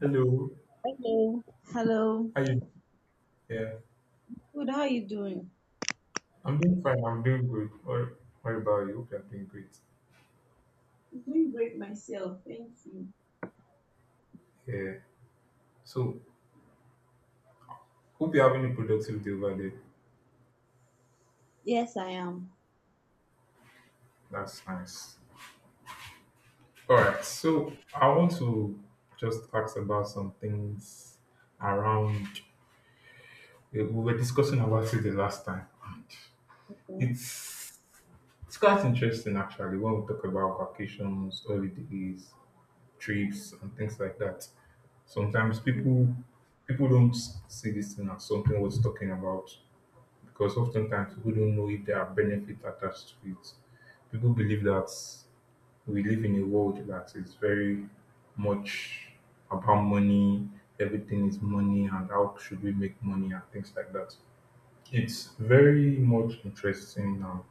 Hello, Hello. Hello. how you? Yeah, Good. How are you doing? I'm doing fine. I'm doing good. What about you? Hope you're doing great. I'm doing great myself. Thank you. Yeah. So, hope you're having a productive day over there. Yes, I am. That's nice. All right. So, I want to just ask about some things around. We were discussing about it the last time. And Okay. It's it's quite interesting actually when we talk about vacations, holidays, trips, and things like that. Sometimes Mhm. people don't see this thing as something worth talking about because oftentimes people don't know if there are benefits attached to it. People believe that we live in a world that is very much about money, everything is money, and how should we make money and things like that. It's very much interesting, and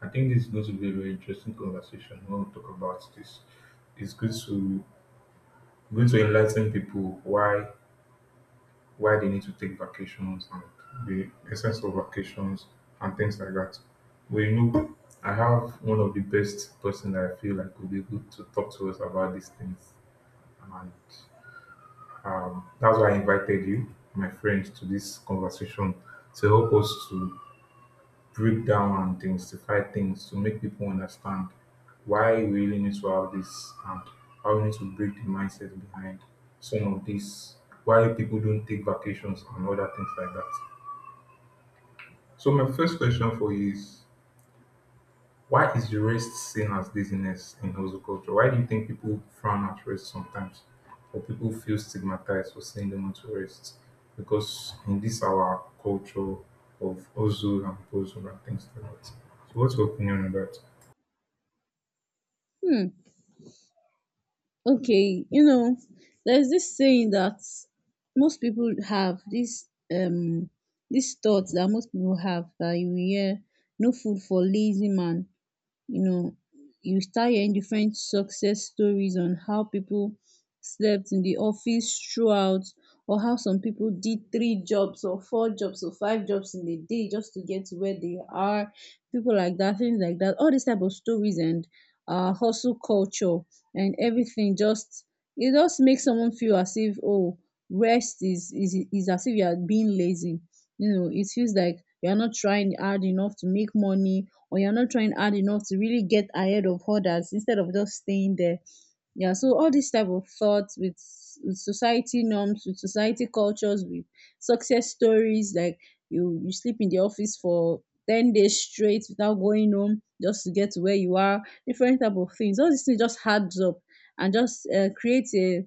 I think this is going to be a very interesting conversation when we talk about this. It's good to going to enlighten people why they need to take vacations and the essence of vacations and things like that. Well, you know, I have one of the best person that I feel like would be good to talk to us about these things. And that's why I invited you, my friend, to this conversation to help us to break down and demystify things, to make people understand why we really need to have this and how we need to break the mindset behind some of this, why people don't take vacations and other things like that. So my first question for you is why is the rest seen as laziness in hustle culture? Why do you think people frown at rest sometimes? Or people feel stigmatized for saying they want to rest? Because in this our culture of hustle and bustle and things like that. So what's your opinion on that? Hmm. Okay. You know, there's this saying that most people have, um this thought that most people have, that you will hear no food for lazy man. You know, you start hearing different success stories on how people slept in the office throughout, or how some people did three jobs or four jobs or five jobs in a day just to get to where they are, people like that, things like that, all these type of stories. And hustle culture and everything just, it just makes someone feel as if, oh, rest is as if you are being lazy. You know, it feels like you are not trying hard enough to make money, or you're not trying hard enough to really get ahead of others instead of just staying there. Yeah, so all these type of thoughts, with society norms, with society cultures, with success stories like you sleep in the office for 10 days straight without going home just to get to where you are, different type of things, all these things just adds up and just creates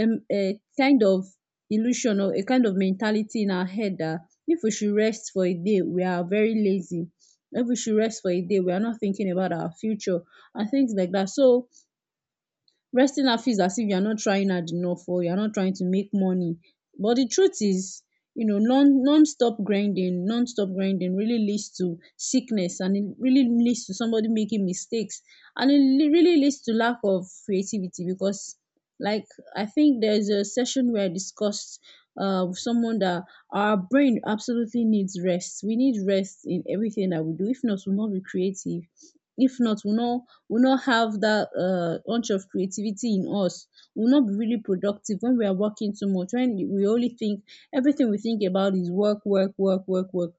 a kind of illusion or a kind of mentality in our head that if we should rest for a day, we are very lazy. If we should rest for a day, we are not thinking about our future and things like that. So resting her feels as if you're not trying hard enough or you're not trying to make money. But the truth is, you know, non-stop grinding, non-stop grinding really leads to sickness, and it really leads to somebody making mistakes, and it really leads to lack of creativity. Because, like, I think there's a session where I discussed with someone that our brain absolutely needs rest. We need rest in everything that we do, if not we'll not be creative. If not, we not have that bunch of creativity in us. We'll not be really productive when we are working too much. When we only think, everything we think about is work, work, work, work, work.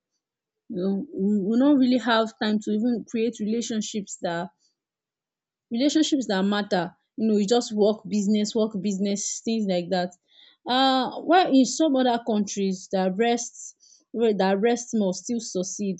You know, we not really have time to even create relationships that, relationships that matter. You know, you just work, business, things like that. While in some other countries that rest, well, that rest must still succeed,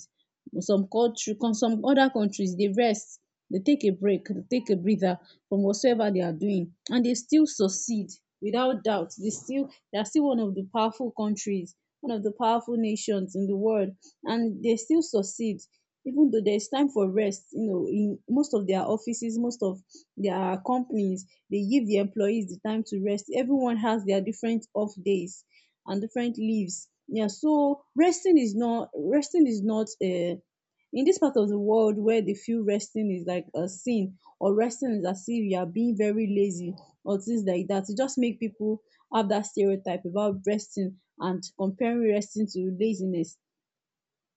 some country, some other countries, they rest. They take a break. They take a breather from whatsoever they are doing and they still succeed. Without doubt, they are still one of the powerful countries, one of the powerful nations in the world, and they still succeed, even though there is time for rest. You know, in most of their offices, most of their companies, they give the employees the time to rest. Everyone has their different off days and different leaves. Yeah, so resting is not a, in this part of the world, where they feel resting is like a sin, or resting is as if you are being very lazy or things like that. It just make people have that stereotype about resting and comparing resting to laziness.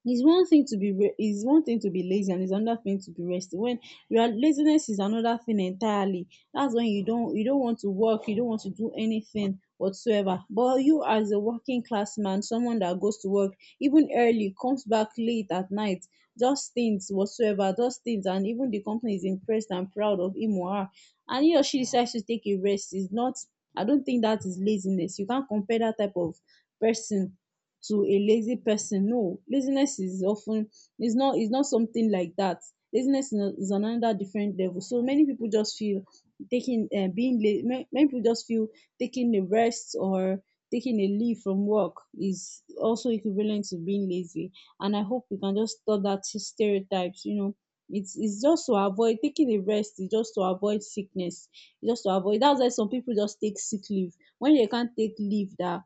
It's one thing to be lazy, and it's another thing to be resting. When your laziness is another thing entirely. That's when you don't want to work, you don't want to do anything whatsoever. But you, as a working class man, someone that goes to work even early, comes back late at night, just things whatsoever, just things, and even the company is impressed and proud of him or her, and he or she decides to take a rest. Is not, I don't think that is laziness. You can't compare that type of person to a lazy person. No, laziness is often, is not something like that. Laziness is not, is on another different level. So many people just feel taking being lazy many people just feel taking a rest or taking a leave from work is also equivalent to being lazy. And I hope we can just stop that stereotypes. You know, it's just to avoid, taking a rest is just to avoid sickness. It's just to avoid, that's why some people just take sick leave. When they can't take leave that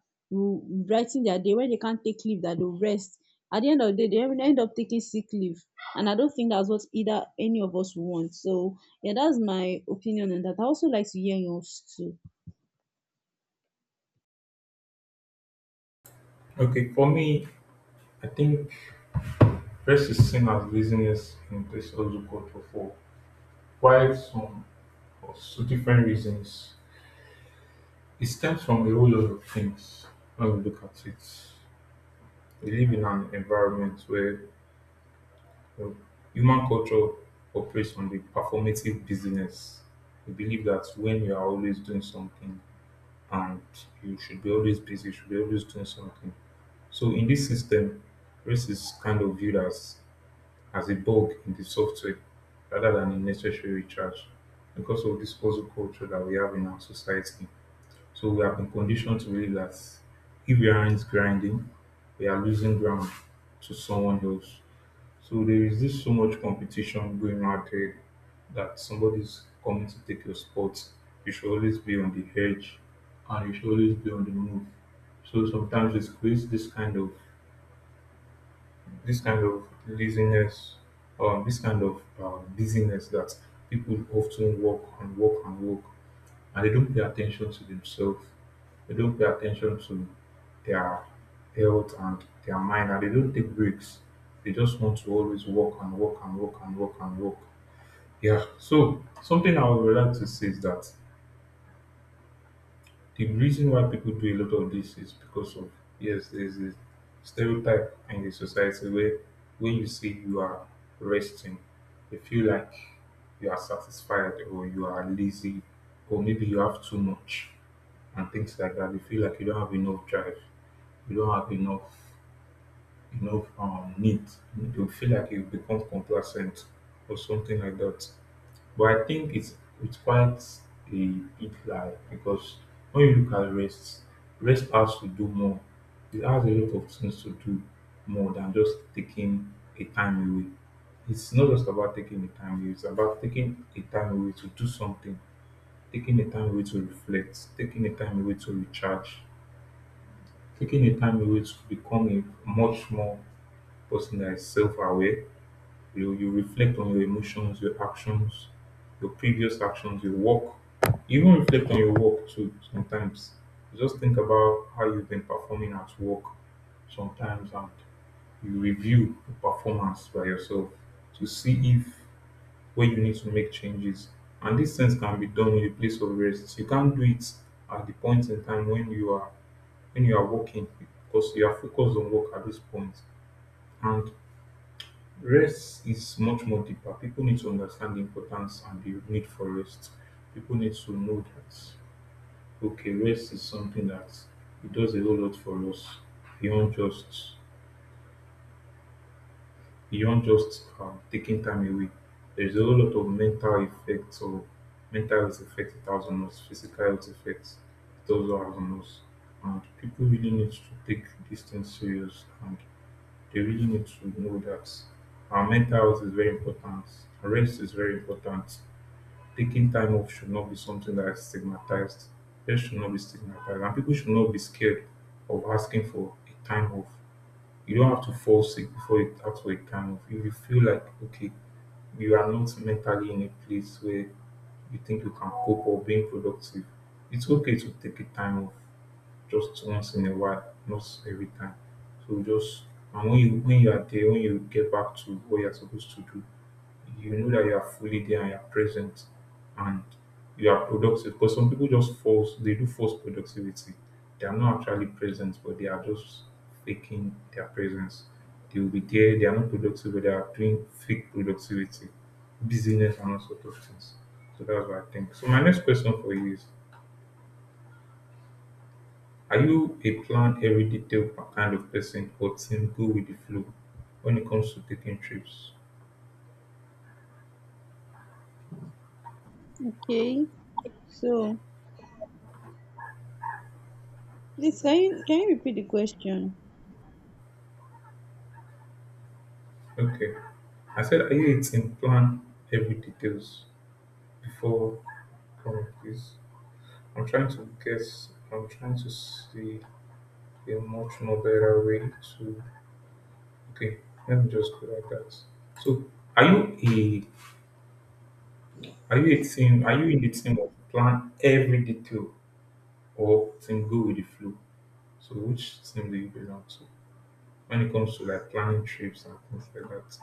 brigh ten their day, when they can't take leave that they'll rest, at the end of the day they end up taking sick leave. And I don't think that's what either any of us want. So yeah, that's my opinion on that. I also like to hear yours too. Okay, for me, I think rest is seen as laziness in this hustle culture for quite some or so different reasons. It stems from a whole lot of things when we look at it. We live in an environment where you know, human culture operates on the performative business. We believe that when you are always doing something and you should be always busy, you should be always doing something. So in this system, race is kind of viewed as a bug in the software rather than a necessary charge because of this hustle culture that we have in our society. So we have been conditioned to believe that if we aren't grinding, we are losing ground to someone else. So there is this so much competition going out there that somebody's coming to take your spot. You should always be on the edge and you should always be on the move. So sometimes it creates this kind of laziness or this kind of busyness that people often work and work and work and they don't pay attention to themselves. They don't pay attention to their health and their mind, and they don't take breaks. They just want to always work and work and work and work and work. Yeah. So something I would like to say is that the reason why people do a lot of this is because of yes, there's a stereotype in the society where when you say you are resting, you feel like you are satisfied or you are lazy or maybe you have too much and things like that. You feel like you don't have enough drive, you don't have enough need. You feel like you become complacent or something like that. But I think it's quite a big lie because when you look at rest, rest has to do more. It has a lot of things to do more than just taking a time away. It's not just about taking a time away, it's about taking a time away to do something, taking a time away to reflect, taking a time away to recharge, taking a time away to become a much more person that is self aware. You reflect on your emotions, your actions, your previous actions, your work. Even reflect on your work too sometimes. You just think about how you've been performing at work sometimes and you review the performance by yourself to see if where you need to make changes. And these things can be done in a place of rest. You can't do it at the point in time when you are working because you are focused on work at this point. And rest is much more deeper. People need to understand the importance and the need for rest. People need to know that okay, rest is something that it does a whole lot for us beyond just beyond just taking time away. There's a whole lot of mental effects or mental health effects it has on us, physical health effects it also has on us, and people really need to take these things serious and they really need to know that our mental health is very important. Rest is very important. Taking time off should not be something that is stigmatized. Rest should not be stigmatized. And people should not be scared of asking for a time off. You don't have to fall sick before you ask for a time off. If you feel like, okay, you are not mentally in a place where you think you can cope or being productive, it's okay to take a time off just once in a while, not every time. So just and when you are there, when you get back to what you're supposed to do, you know that you are fully there and you are present and you are productive. Because some people just force they do force productivity. They are not actually present, but they are just faking their presence. They will be there, they are not productive, but they are doing fake productivity, busyness and all sorts of things. So that's what I think. So my next question for you is are you a plan every detail kind of person or team go with the flow when it comes to taking trips? Okay, so please, can you repeat the question? Okay. I said, are you a team plan every details before coming, please? I'm trying to guess. I'm trying to see a much more better way to. Okay, let me just go like that. So, are you a are you a team? Are you in the team of plan every detail or team go with the flow? So, which team do you belong to? When it comes to like planning trips and things like that.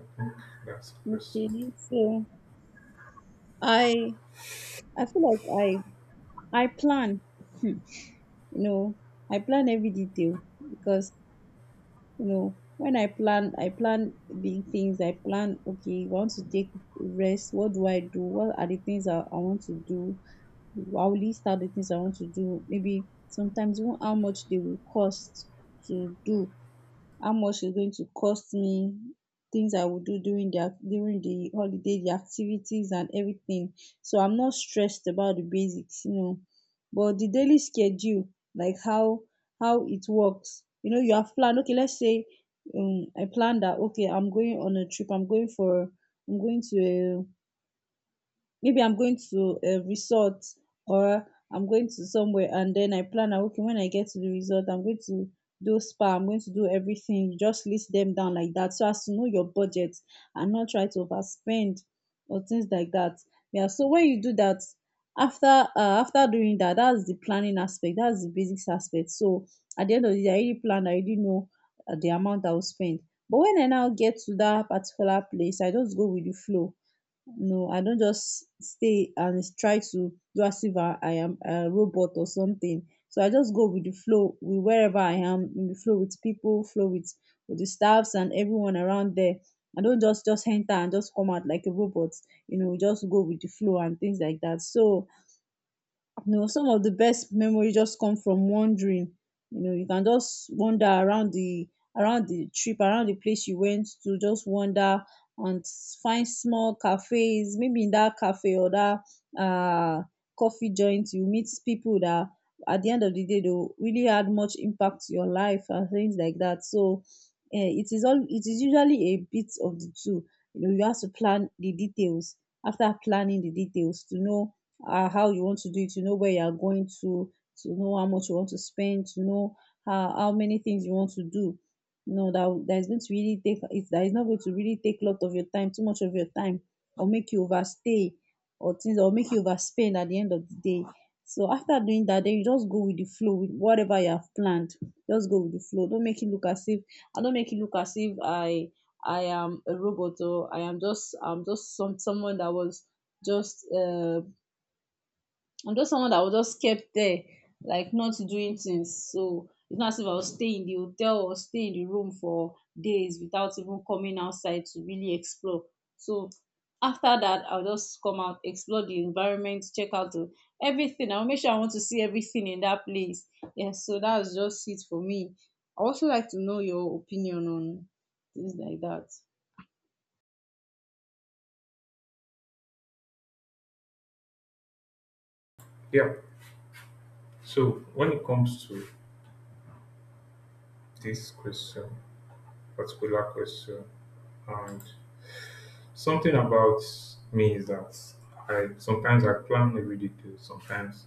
I think that's the question. Okay, so i I feel like I plan, you know, I plan every detail. Because, you know, when I plan, I plan big things. I plan, okay, I want to take rest. What do I do? What are the things I want to do? I'll list out the things I want to do, maybe sometimes even how much they will cost to do, how much it's going to cost me, things I will do during the during the holiday, the activities and everything. So I'm not stressed about the basics, you know. But the daily schedule, like how it works, you know, you have planned. Okay, let's say I plan that, okay, I'm going on a trip. I'm going to a, maybe I'm going to a resort, or I'm going to somewhere. And then I plan out, okay, when I get to the resort, I'm going to do spa, I'm going to do everything. You just list them down like that so as to know your budget and not try to overspend or things like that. Yeah, so when you do that, after uh, after doing that, that's the planning aspect, that's the basics aspect. So at the end of the day, I already planned, I already know the amount I will spend. But when I now get to that particular place, I just go with the flow. No, I don't just stay and try to do as if I am a robot or something. So I just go with the flow, with wherever I am, in the flow with people, flow with the staffs and everyone around there. I don't just enter and just come out like a robot. You know, just go with the flow and things like that. So you know, some of the best memories just come from wandering. You know, you can just wander around the, around the trip, around the place you went to. Just wander and find small cafes. Maybe in that cafe or that uh coffee joint, you meet people that at the end of the day they will really had much impact to your life and things like that. So it is usually a bit of the two. You know, you have to plan the details. After planning the details, to know how you want to do it, to know where you are going to know how much you want to spend, to know how many things you want to do. No, that is going to really take, it's that is not going to really take a lot of your time, too much of your time, or make you overstay or things, or make you overspend at the end of the day. So after doing that, then you just go with the flow with whatever you have planned. Just go with the flow. Don't make it look as if I don't make it look as if I am a robot, or I am just, I'm just some someone that was just I'm just someone that was just kept there, like not doing things. So it's not as if I was stay in the hotel or stay in the room for days without even coming outside to really explore. So after that, I'll just come out, explore the environment, check out the, everything. I'll make sure I want to see everything in that place. Yeah, so that's just it for me. I also like to know your opinion on things like that. Yeah. So when it comes to this question, particular question, and something about me is that I sometimes I plan every detail. Sometimes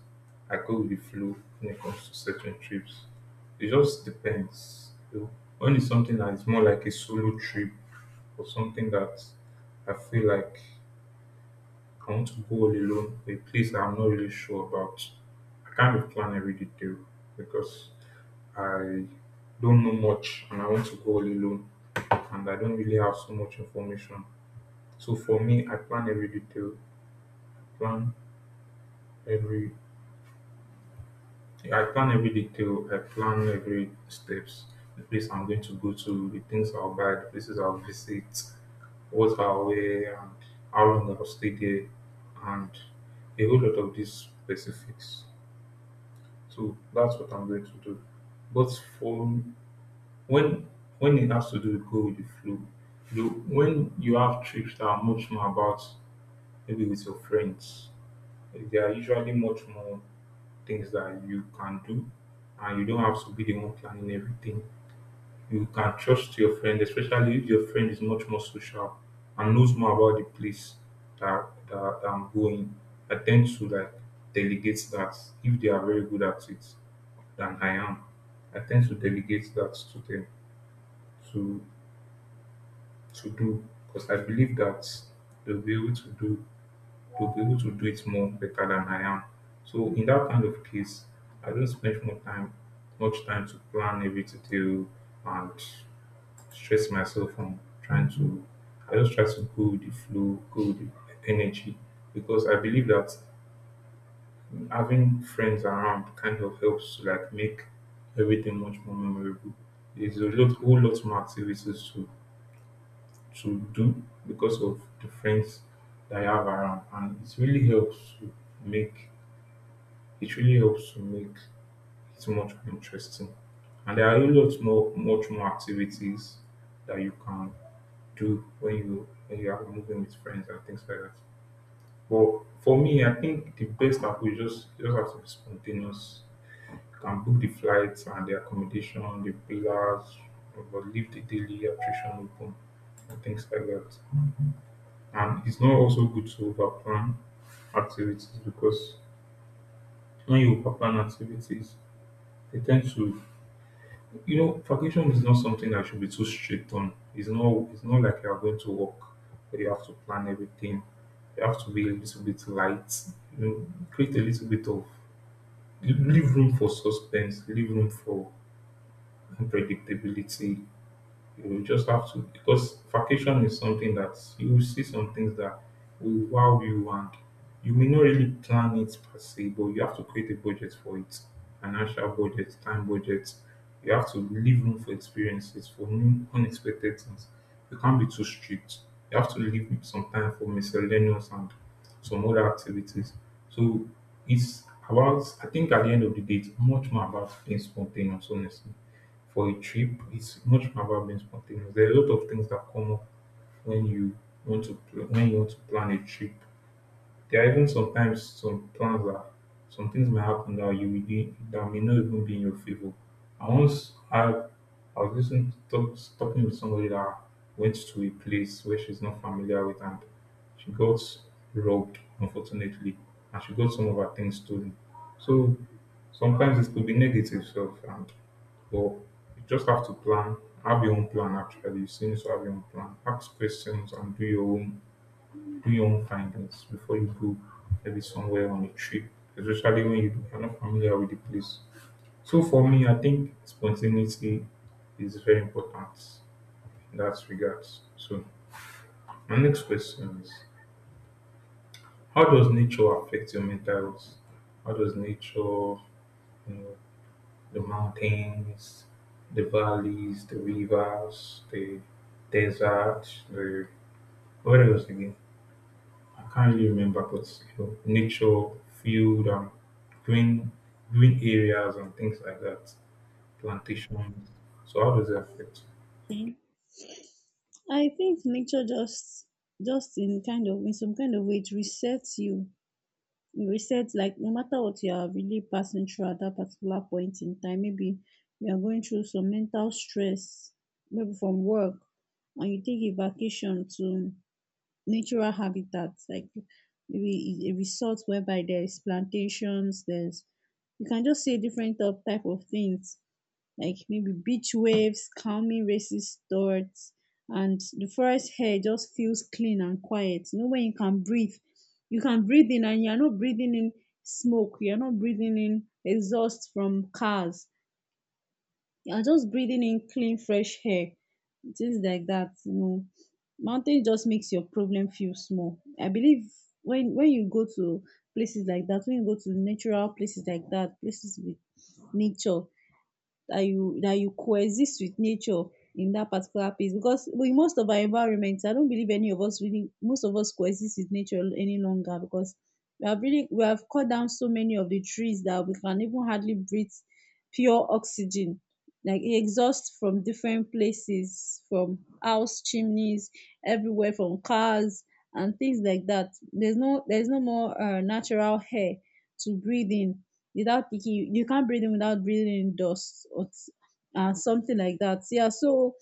I go with the flow when it comes to certain trips. It just depends. So when it's something that is more like a solo trip or something that I feel like I want to go all alone to a place that I'm not really sure about. I kind of plan every detail because I don't know much and I want to go all alone and I don't really have so much information. So for me, plan every I plan every detail, I plan every steps, the place I'm going to go to, the things I'll buy, the places I'll visit, what I'll wear and how long I'll stay there and a whole lot of these specifics. So that's what I'm going to do. But for when when it has to do with go with the flow, you know, when you have trips that are much more about maybe with your friends, there are usually much more things that you can do, and you don't have to be the one planning everything. You can trust your friend, especially if your friend is much more social and knows more about the place that I'm going. I tend to like delegate that if they are very good at it than I am. I tend to delegate that to them to do because I believe that they'll be able to do they'll be able to do it more better than I am. So in that kind of case, I don't spend more time much time to plan every detail and stress myself from trying to I just try to go with the flow, go with the energy because I believe that having friends around kind of helps to like make everything much more memorable. There's a lot whole lot more activities to do because of the friends that I have around and it really helps to make it really helps to make it much more interesting. And there are a lot more much more activities that you can do when you are moving with friends and things like that. But for me, I think the best app is just you just have to be spontaneous. You can book the flights and the accommodation, the villas, but leave the daily attrition open and things like that. And it's not also good to overplan activities because when you overplan activities, they tend to vacation is not something I should be too strict on. It's not like you are going to work where you have to plan everything. You have to be a little bit light, create a little bit of leave room for suspense, leave room for unpredictability. You just have to, because vacation is something that you will see some things that will wow you and you may not really plan it per se, but you have to create a budget for it. Financial budget, time budget. You have to leave room for experiences, for new unexpected things. You can't be too strict. You have to leave some time for miscellaneous and some other activities. So it's about, I think at the end of the day it's much more about being spontaneous, honestly. For a trip it's much more about being spontaneous. There are a lot of things that come up when you when you want to plan a trip. There are even sometimes some plans that, some things may happen that you will be, that may not even be in your favor. I once had I was talking with somebody that went to a place where she's not familiar with, and she got robbed, unfortunately, and she got some of her things stolen. So sometimes it could be negative self and, but you just have to plan, have your own plan actually. You still need to have your own plan. Ask questions and do your own, do your own findings before you go maybe somewhere on a trip, especially when you are not familiar with the place. So for me, I think spontaneity is very important in that regard. So my next question is, how does nature affect your mental health? How does nature, you know, the mountains, the valleys, the rivers, the desert, the, what else again? I can't really remember, but nature, field, green green areas and things like that, plantations. So how does it affect? Okay. I think nature just, in some kind of way, it resets you. You said, like, no matter what you are really passing through at that particular point in time, maybe you are going through some mental stress, maybe from work, and you take a vacation to natural habitats, like maybe a resort whereby there is plantations. There's, you can just say different type of things, like maybe beach waves, calming racist thoughts, and the forest air just feels clean and quiet. You know, when you can breathe in and you're not breathing in smoke, you're not breathing in exhaust from cars, you're just breathing in clean, fresh air, things like that. Mountain just makes your problem feel small. I believe when you go to places like that, when you go to natural places like that, places with nature, that you coexist with nature in that particular place, because in most of our environments I don't believe any of us really, most of us coexist with nature any longer, because we have really, we have cut down so many of the trees that we can even hardly breathe pure oxygen, like exhaust from different places, from house chimneys everywhere, from cars and things like that. There's no, there's no more natural air to breathe in without thinking. You can't breathe in without breathing in dust or something like that. Yeah, so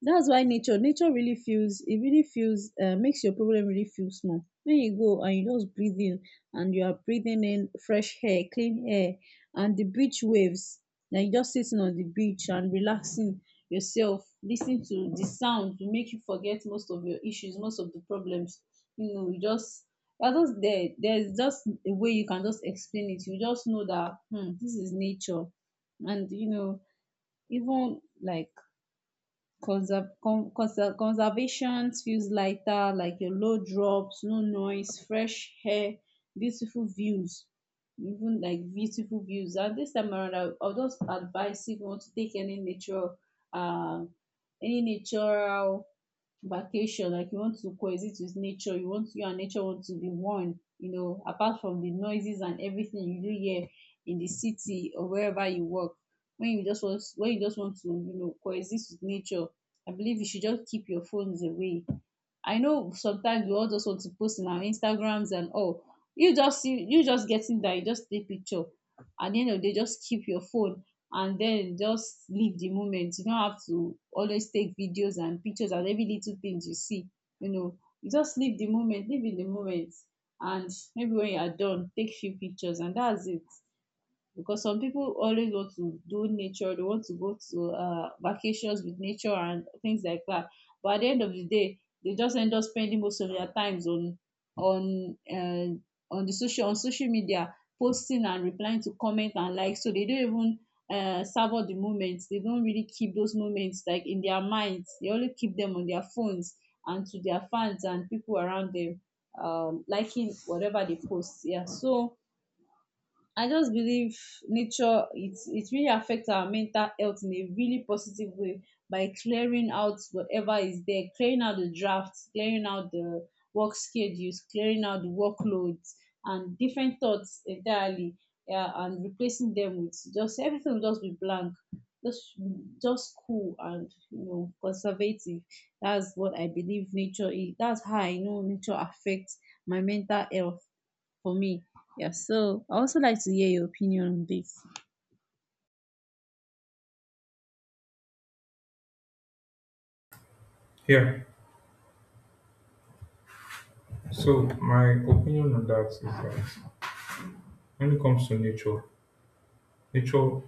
that's why nature really feels, it really feels, makes your problem really feel small when you go and you just breathe in and you are breathing in fresh air, clean air, and the beach waves. Now you just sitting on the beach and relaxing yourself, listening to the sound, to make you forget most of your issues, most of the problems. You know, you just, you're just there, there's just a way you can just explain it. You just know that, hmm, this is nature. And you know, even like conservation feels lighter, like a low drops, no noise, fresh air, beautiful views, even like beautiful views. And this time around, I'll just advise, if you want to take any nature, uh, any natural vacation, like you want to coexist with nature, you want you and nature want to be one. You know, apart from the noises and everything you do here in the city or wherever you work, when you just want when you just want to you know coexist with nature, I believe you should just keep your phones away. I know sometimes we all just want to post in our instagrams and all, you just see, you just getting that, you just take picture. At the end of the day, just keep your phone, and then just live the moment. You don't have to always take videos and pictures and every little things you see. You know, you just live the moment, live in the moment. And maybe when you are done, take few pictures and that's it. Because some people always want to do nature, they want to go to vacations with nature and things like that, but at the end of the day, they just end up spending most of their times on, on uh, on the social on social media, posting and replying to comment and like, so they don't even savor the moments. They don't really keep those moments like in their minds, they only keep them on their phones, and to their fans and people around them, um, liking whatever they post. Yeah, so I just believe nature, it really affects our mental health in a really positive way, by clearing out whatever is there, clearing out the drafts, clearing out the work schedules, clearing out the workloads and different thoughts entirely. Yeah, and replacing them with, just everything will just be blank, just just cool and you know conservative. That's what I believe nature is. That's how I know nature affects my mental health for me. Yeah, so I also like to hear your opinion on this. Yeah. So my opinion on that is that when it comes to nature, nature,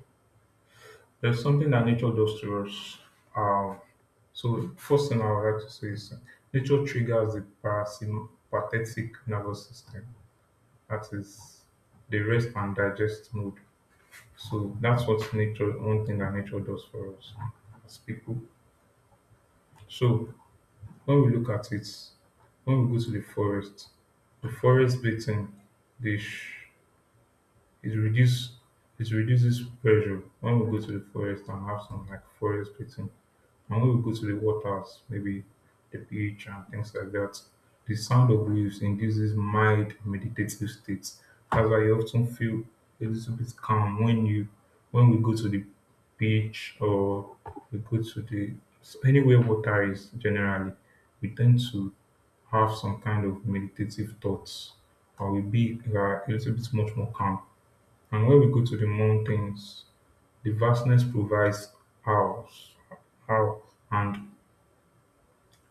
there's something that nature does to us. Um, so first thing I would like to say is nature triggers the parasympathetic nervous system. That is the rest and digest mode. So that's what nature, one thing that nature does for us as people. So when we look at it, when we go to the forest bathing, they sh- it reduce it reduces pressure when we go to the forest and have some like forest bathing. And when we go to the waters, maybe the beach and things like that, the sound of waves induces mild meditative states. That's why you often feel a little bit calm when you, when we go to the beach, or we go to the, anywhere water is generally, we tend to have some kind of meditative thoughts, or we be, we are a little bit much more calm. And when we go to the mountains, the vastness provides hours, how and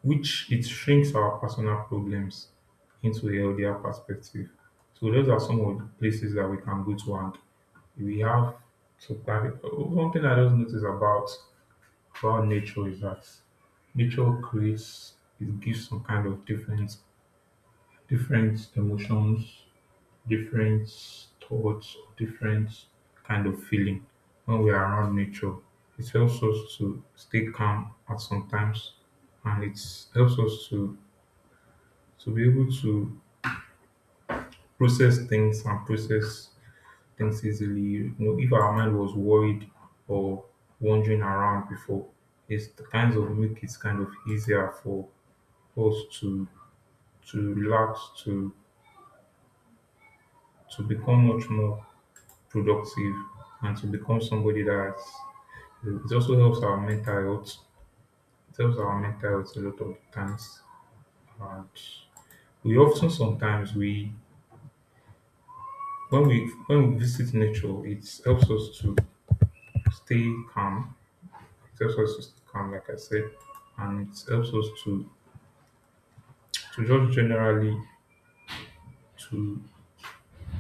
which it shrinks our personal problems into a healthier perspective. So those are some of the places that we can go to, and we have to plan. One thing I just noticed about nature is that nature creates, it gives some kind of different, different emotions, different thoughts, different kind of feeling when we are around nature. It helps us to stay calm at some times, and it helps us to be able to process things, and process things easily. You know, if our mind was worried or wandering around before, it's the kinds of make it kind of easier for us to relax, to become much more productive, and to become somebody that's, it also helps our mental health. It helps our mental health a lot of times. And we often sometimes we, when we visit nature, it helps us to stay calm. It helps us to stay calm, like I said, and it helps us to just generally to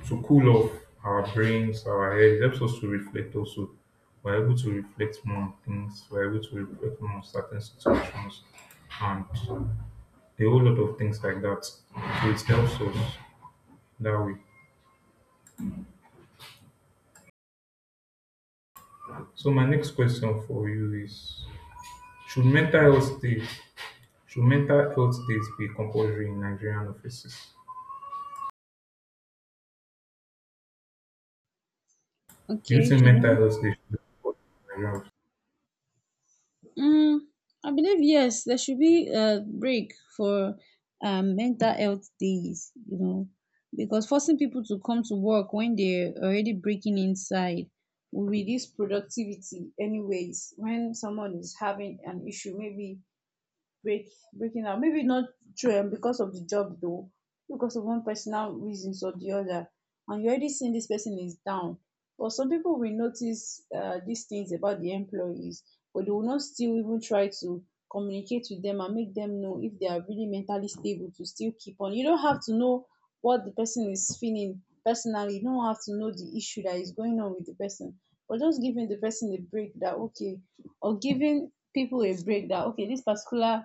to cool off our brains, our head. It helps us to reflect also. We're able to reflect more on things. We're able to reflect more on certain situations and a whole lot of things like that. So it helps us that way. So my next question for you is: Should mental health days should mental health days be compulsory in Nigerian offices? Do you Okay, think should mental we? health days should be compulsory in Nigerian? Mm, I believe yes, there should be a break for mental health days, you know, because forcing people to come to work when they're already breaking inside will reduce productivity. Anyways, when someone is having an issue, maybe break, breaking up, maybe not true, because of the job though, because of one personal reasons or the other, and you already seen this person is down, but some people will notice these things about the employees, but they will not still even try to communicate with them and make them know if they are really mentally stable to still keep on. You don't have to know what the person is feeling personally, you don't have to know the issue that is going on with the person, but just giving the person a break that, okay, or giving people a break that, okay, this particular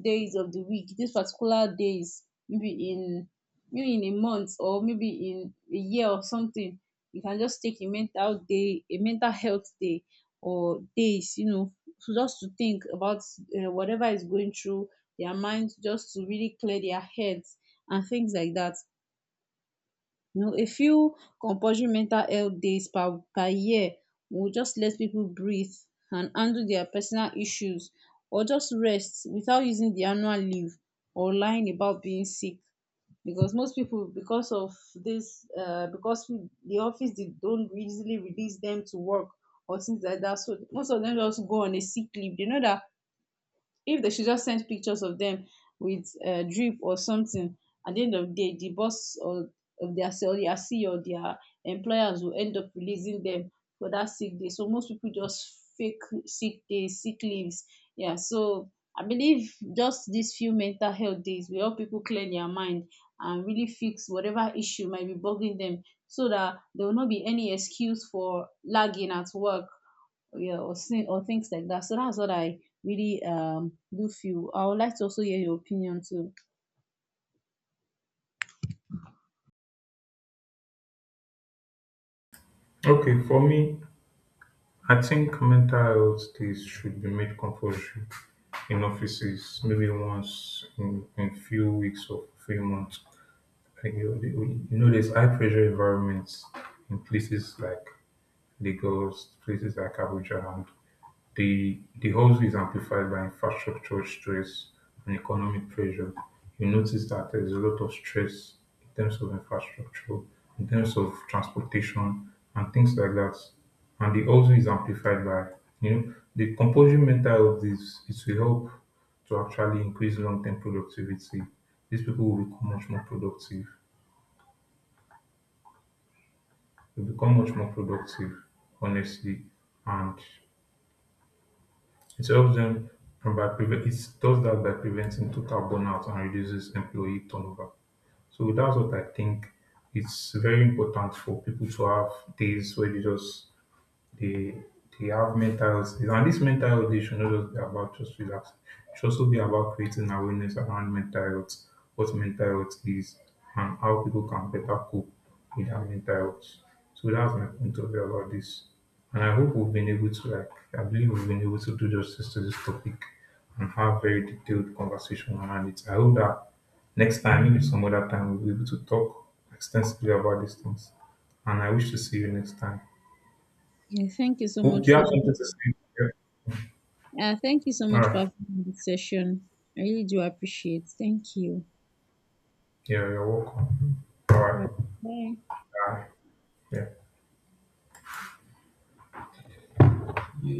days of the week, these particular days, maybe in maybe in a month or maybe in a year or something, you can just take a mental day, a mental health day or days, you know, so just to think about whatever is going through their minds, just to really clear their heads and things like that. You know, a few compulsory mental health days per year will just let people breathe and handle their personal issues, or just rest without using the annual leave or lying about being sick. Because most people, because of this, the office, they don't easily release them to work or things like that, so most of them just go on a sick leave. They know that if they should just send pictures of them with drip or something, at the end of the day the boss, or of their or their CEO, their employers will end up releasing them for that sick day. So most people just fake sick days, sick leaves. Yeah, so I believe just these few mental health days will help people clear their mind and really fix whatever issue might be bugging them, so that there will not be any excuse for lagging at work. Yeah, or, or things like that. So that's what I really do feel. I would like to also hear your opinion too. Okay, for me, I think mental health days should be made compulsory in offices, maybe once in a few weeks or few months. Like, you know, there's high pressure environments in places like Lagos, places like Abuja, the also is amplified by infrastructural stress and economic pressure. You notice that there's a lot of stress in terms of infrastructure, in terms of transportation and things like that. And the also is amplified by, you know, the composing mental of this, it will help to actually increase long term productivity. These people will become much more productive. Will become much more productive, honestly, and it helps them, and by prevent it, does that by preventing total burnout and reduces employee turnover. So that's what I think. It's very important for people to have days where they just, they they have mental health days. And this mental health day should not just be about just relaxing. It should also be about creating awareness around mental health, what mental health is, and how people can better cope with their mental health. So that's my point of view about this. And I hope we've been able to, like, I believe we've been able to do justice to this topic and have very detailed conversation around it. I hope that next time, maybe some other time, we'll be able to talk extensively about these things. And I wish to see you next time. Yeah, thank you so Hope much you for, have something to say. Yeah. Thank you so All much for right. having this session. I really do appreciate. Thank you. Yeah, you're welcome. All All right. right. Bye. Bye. Yeah.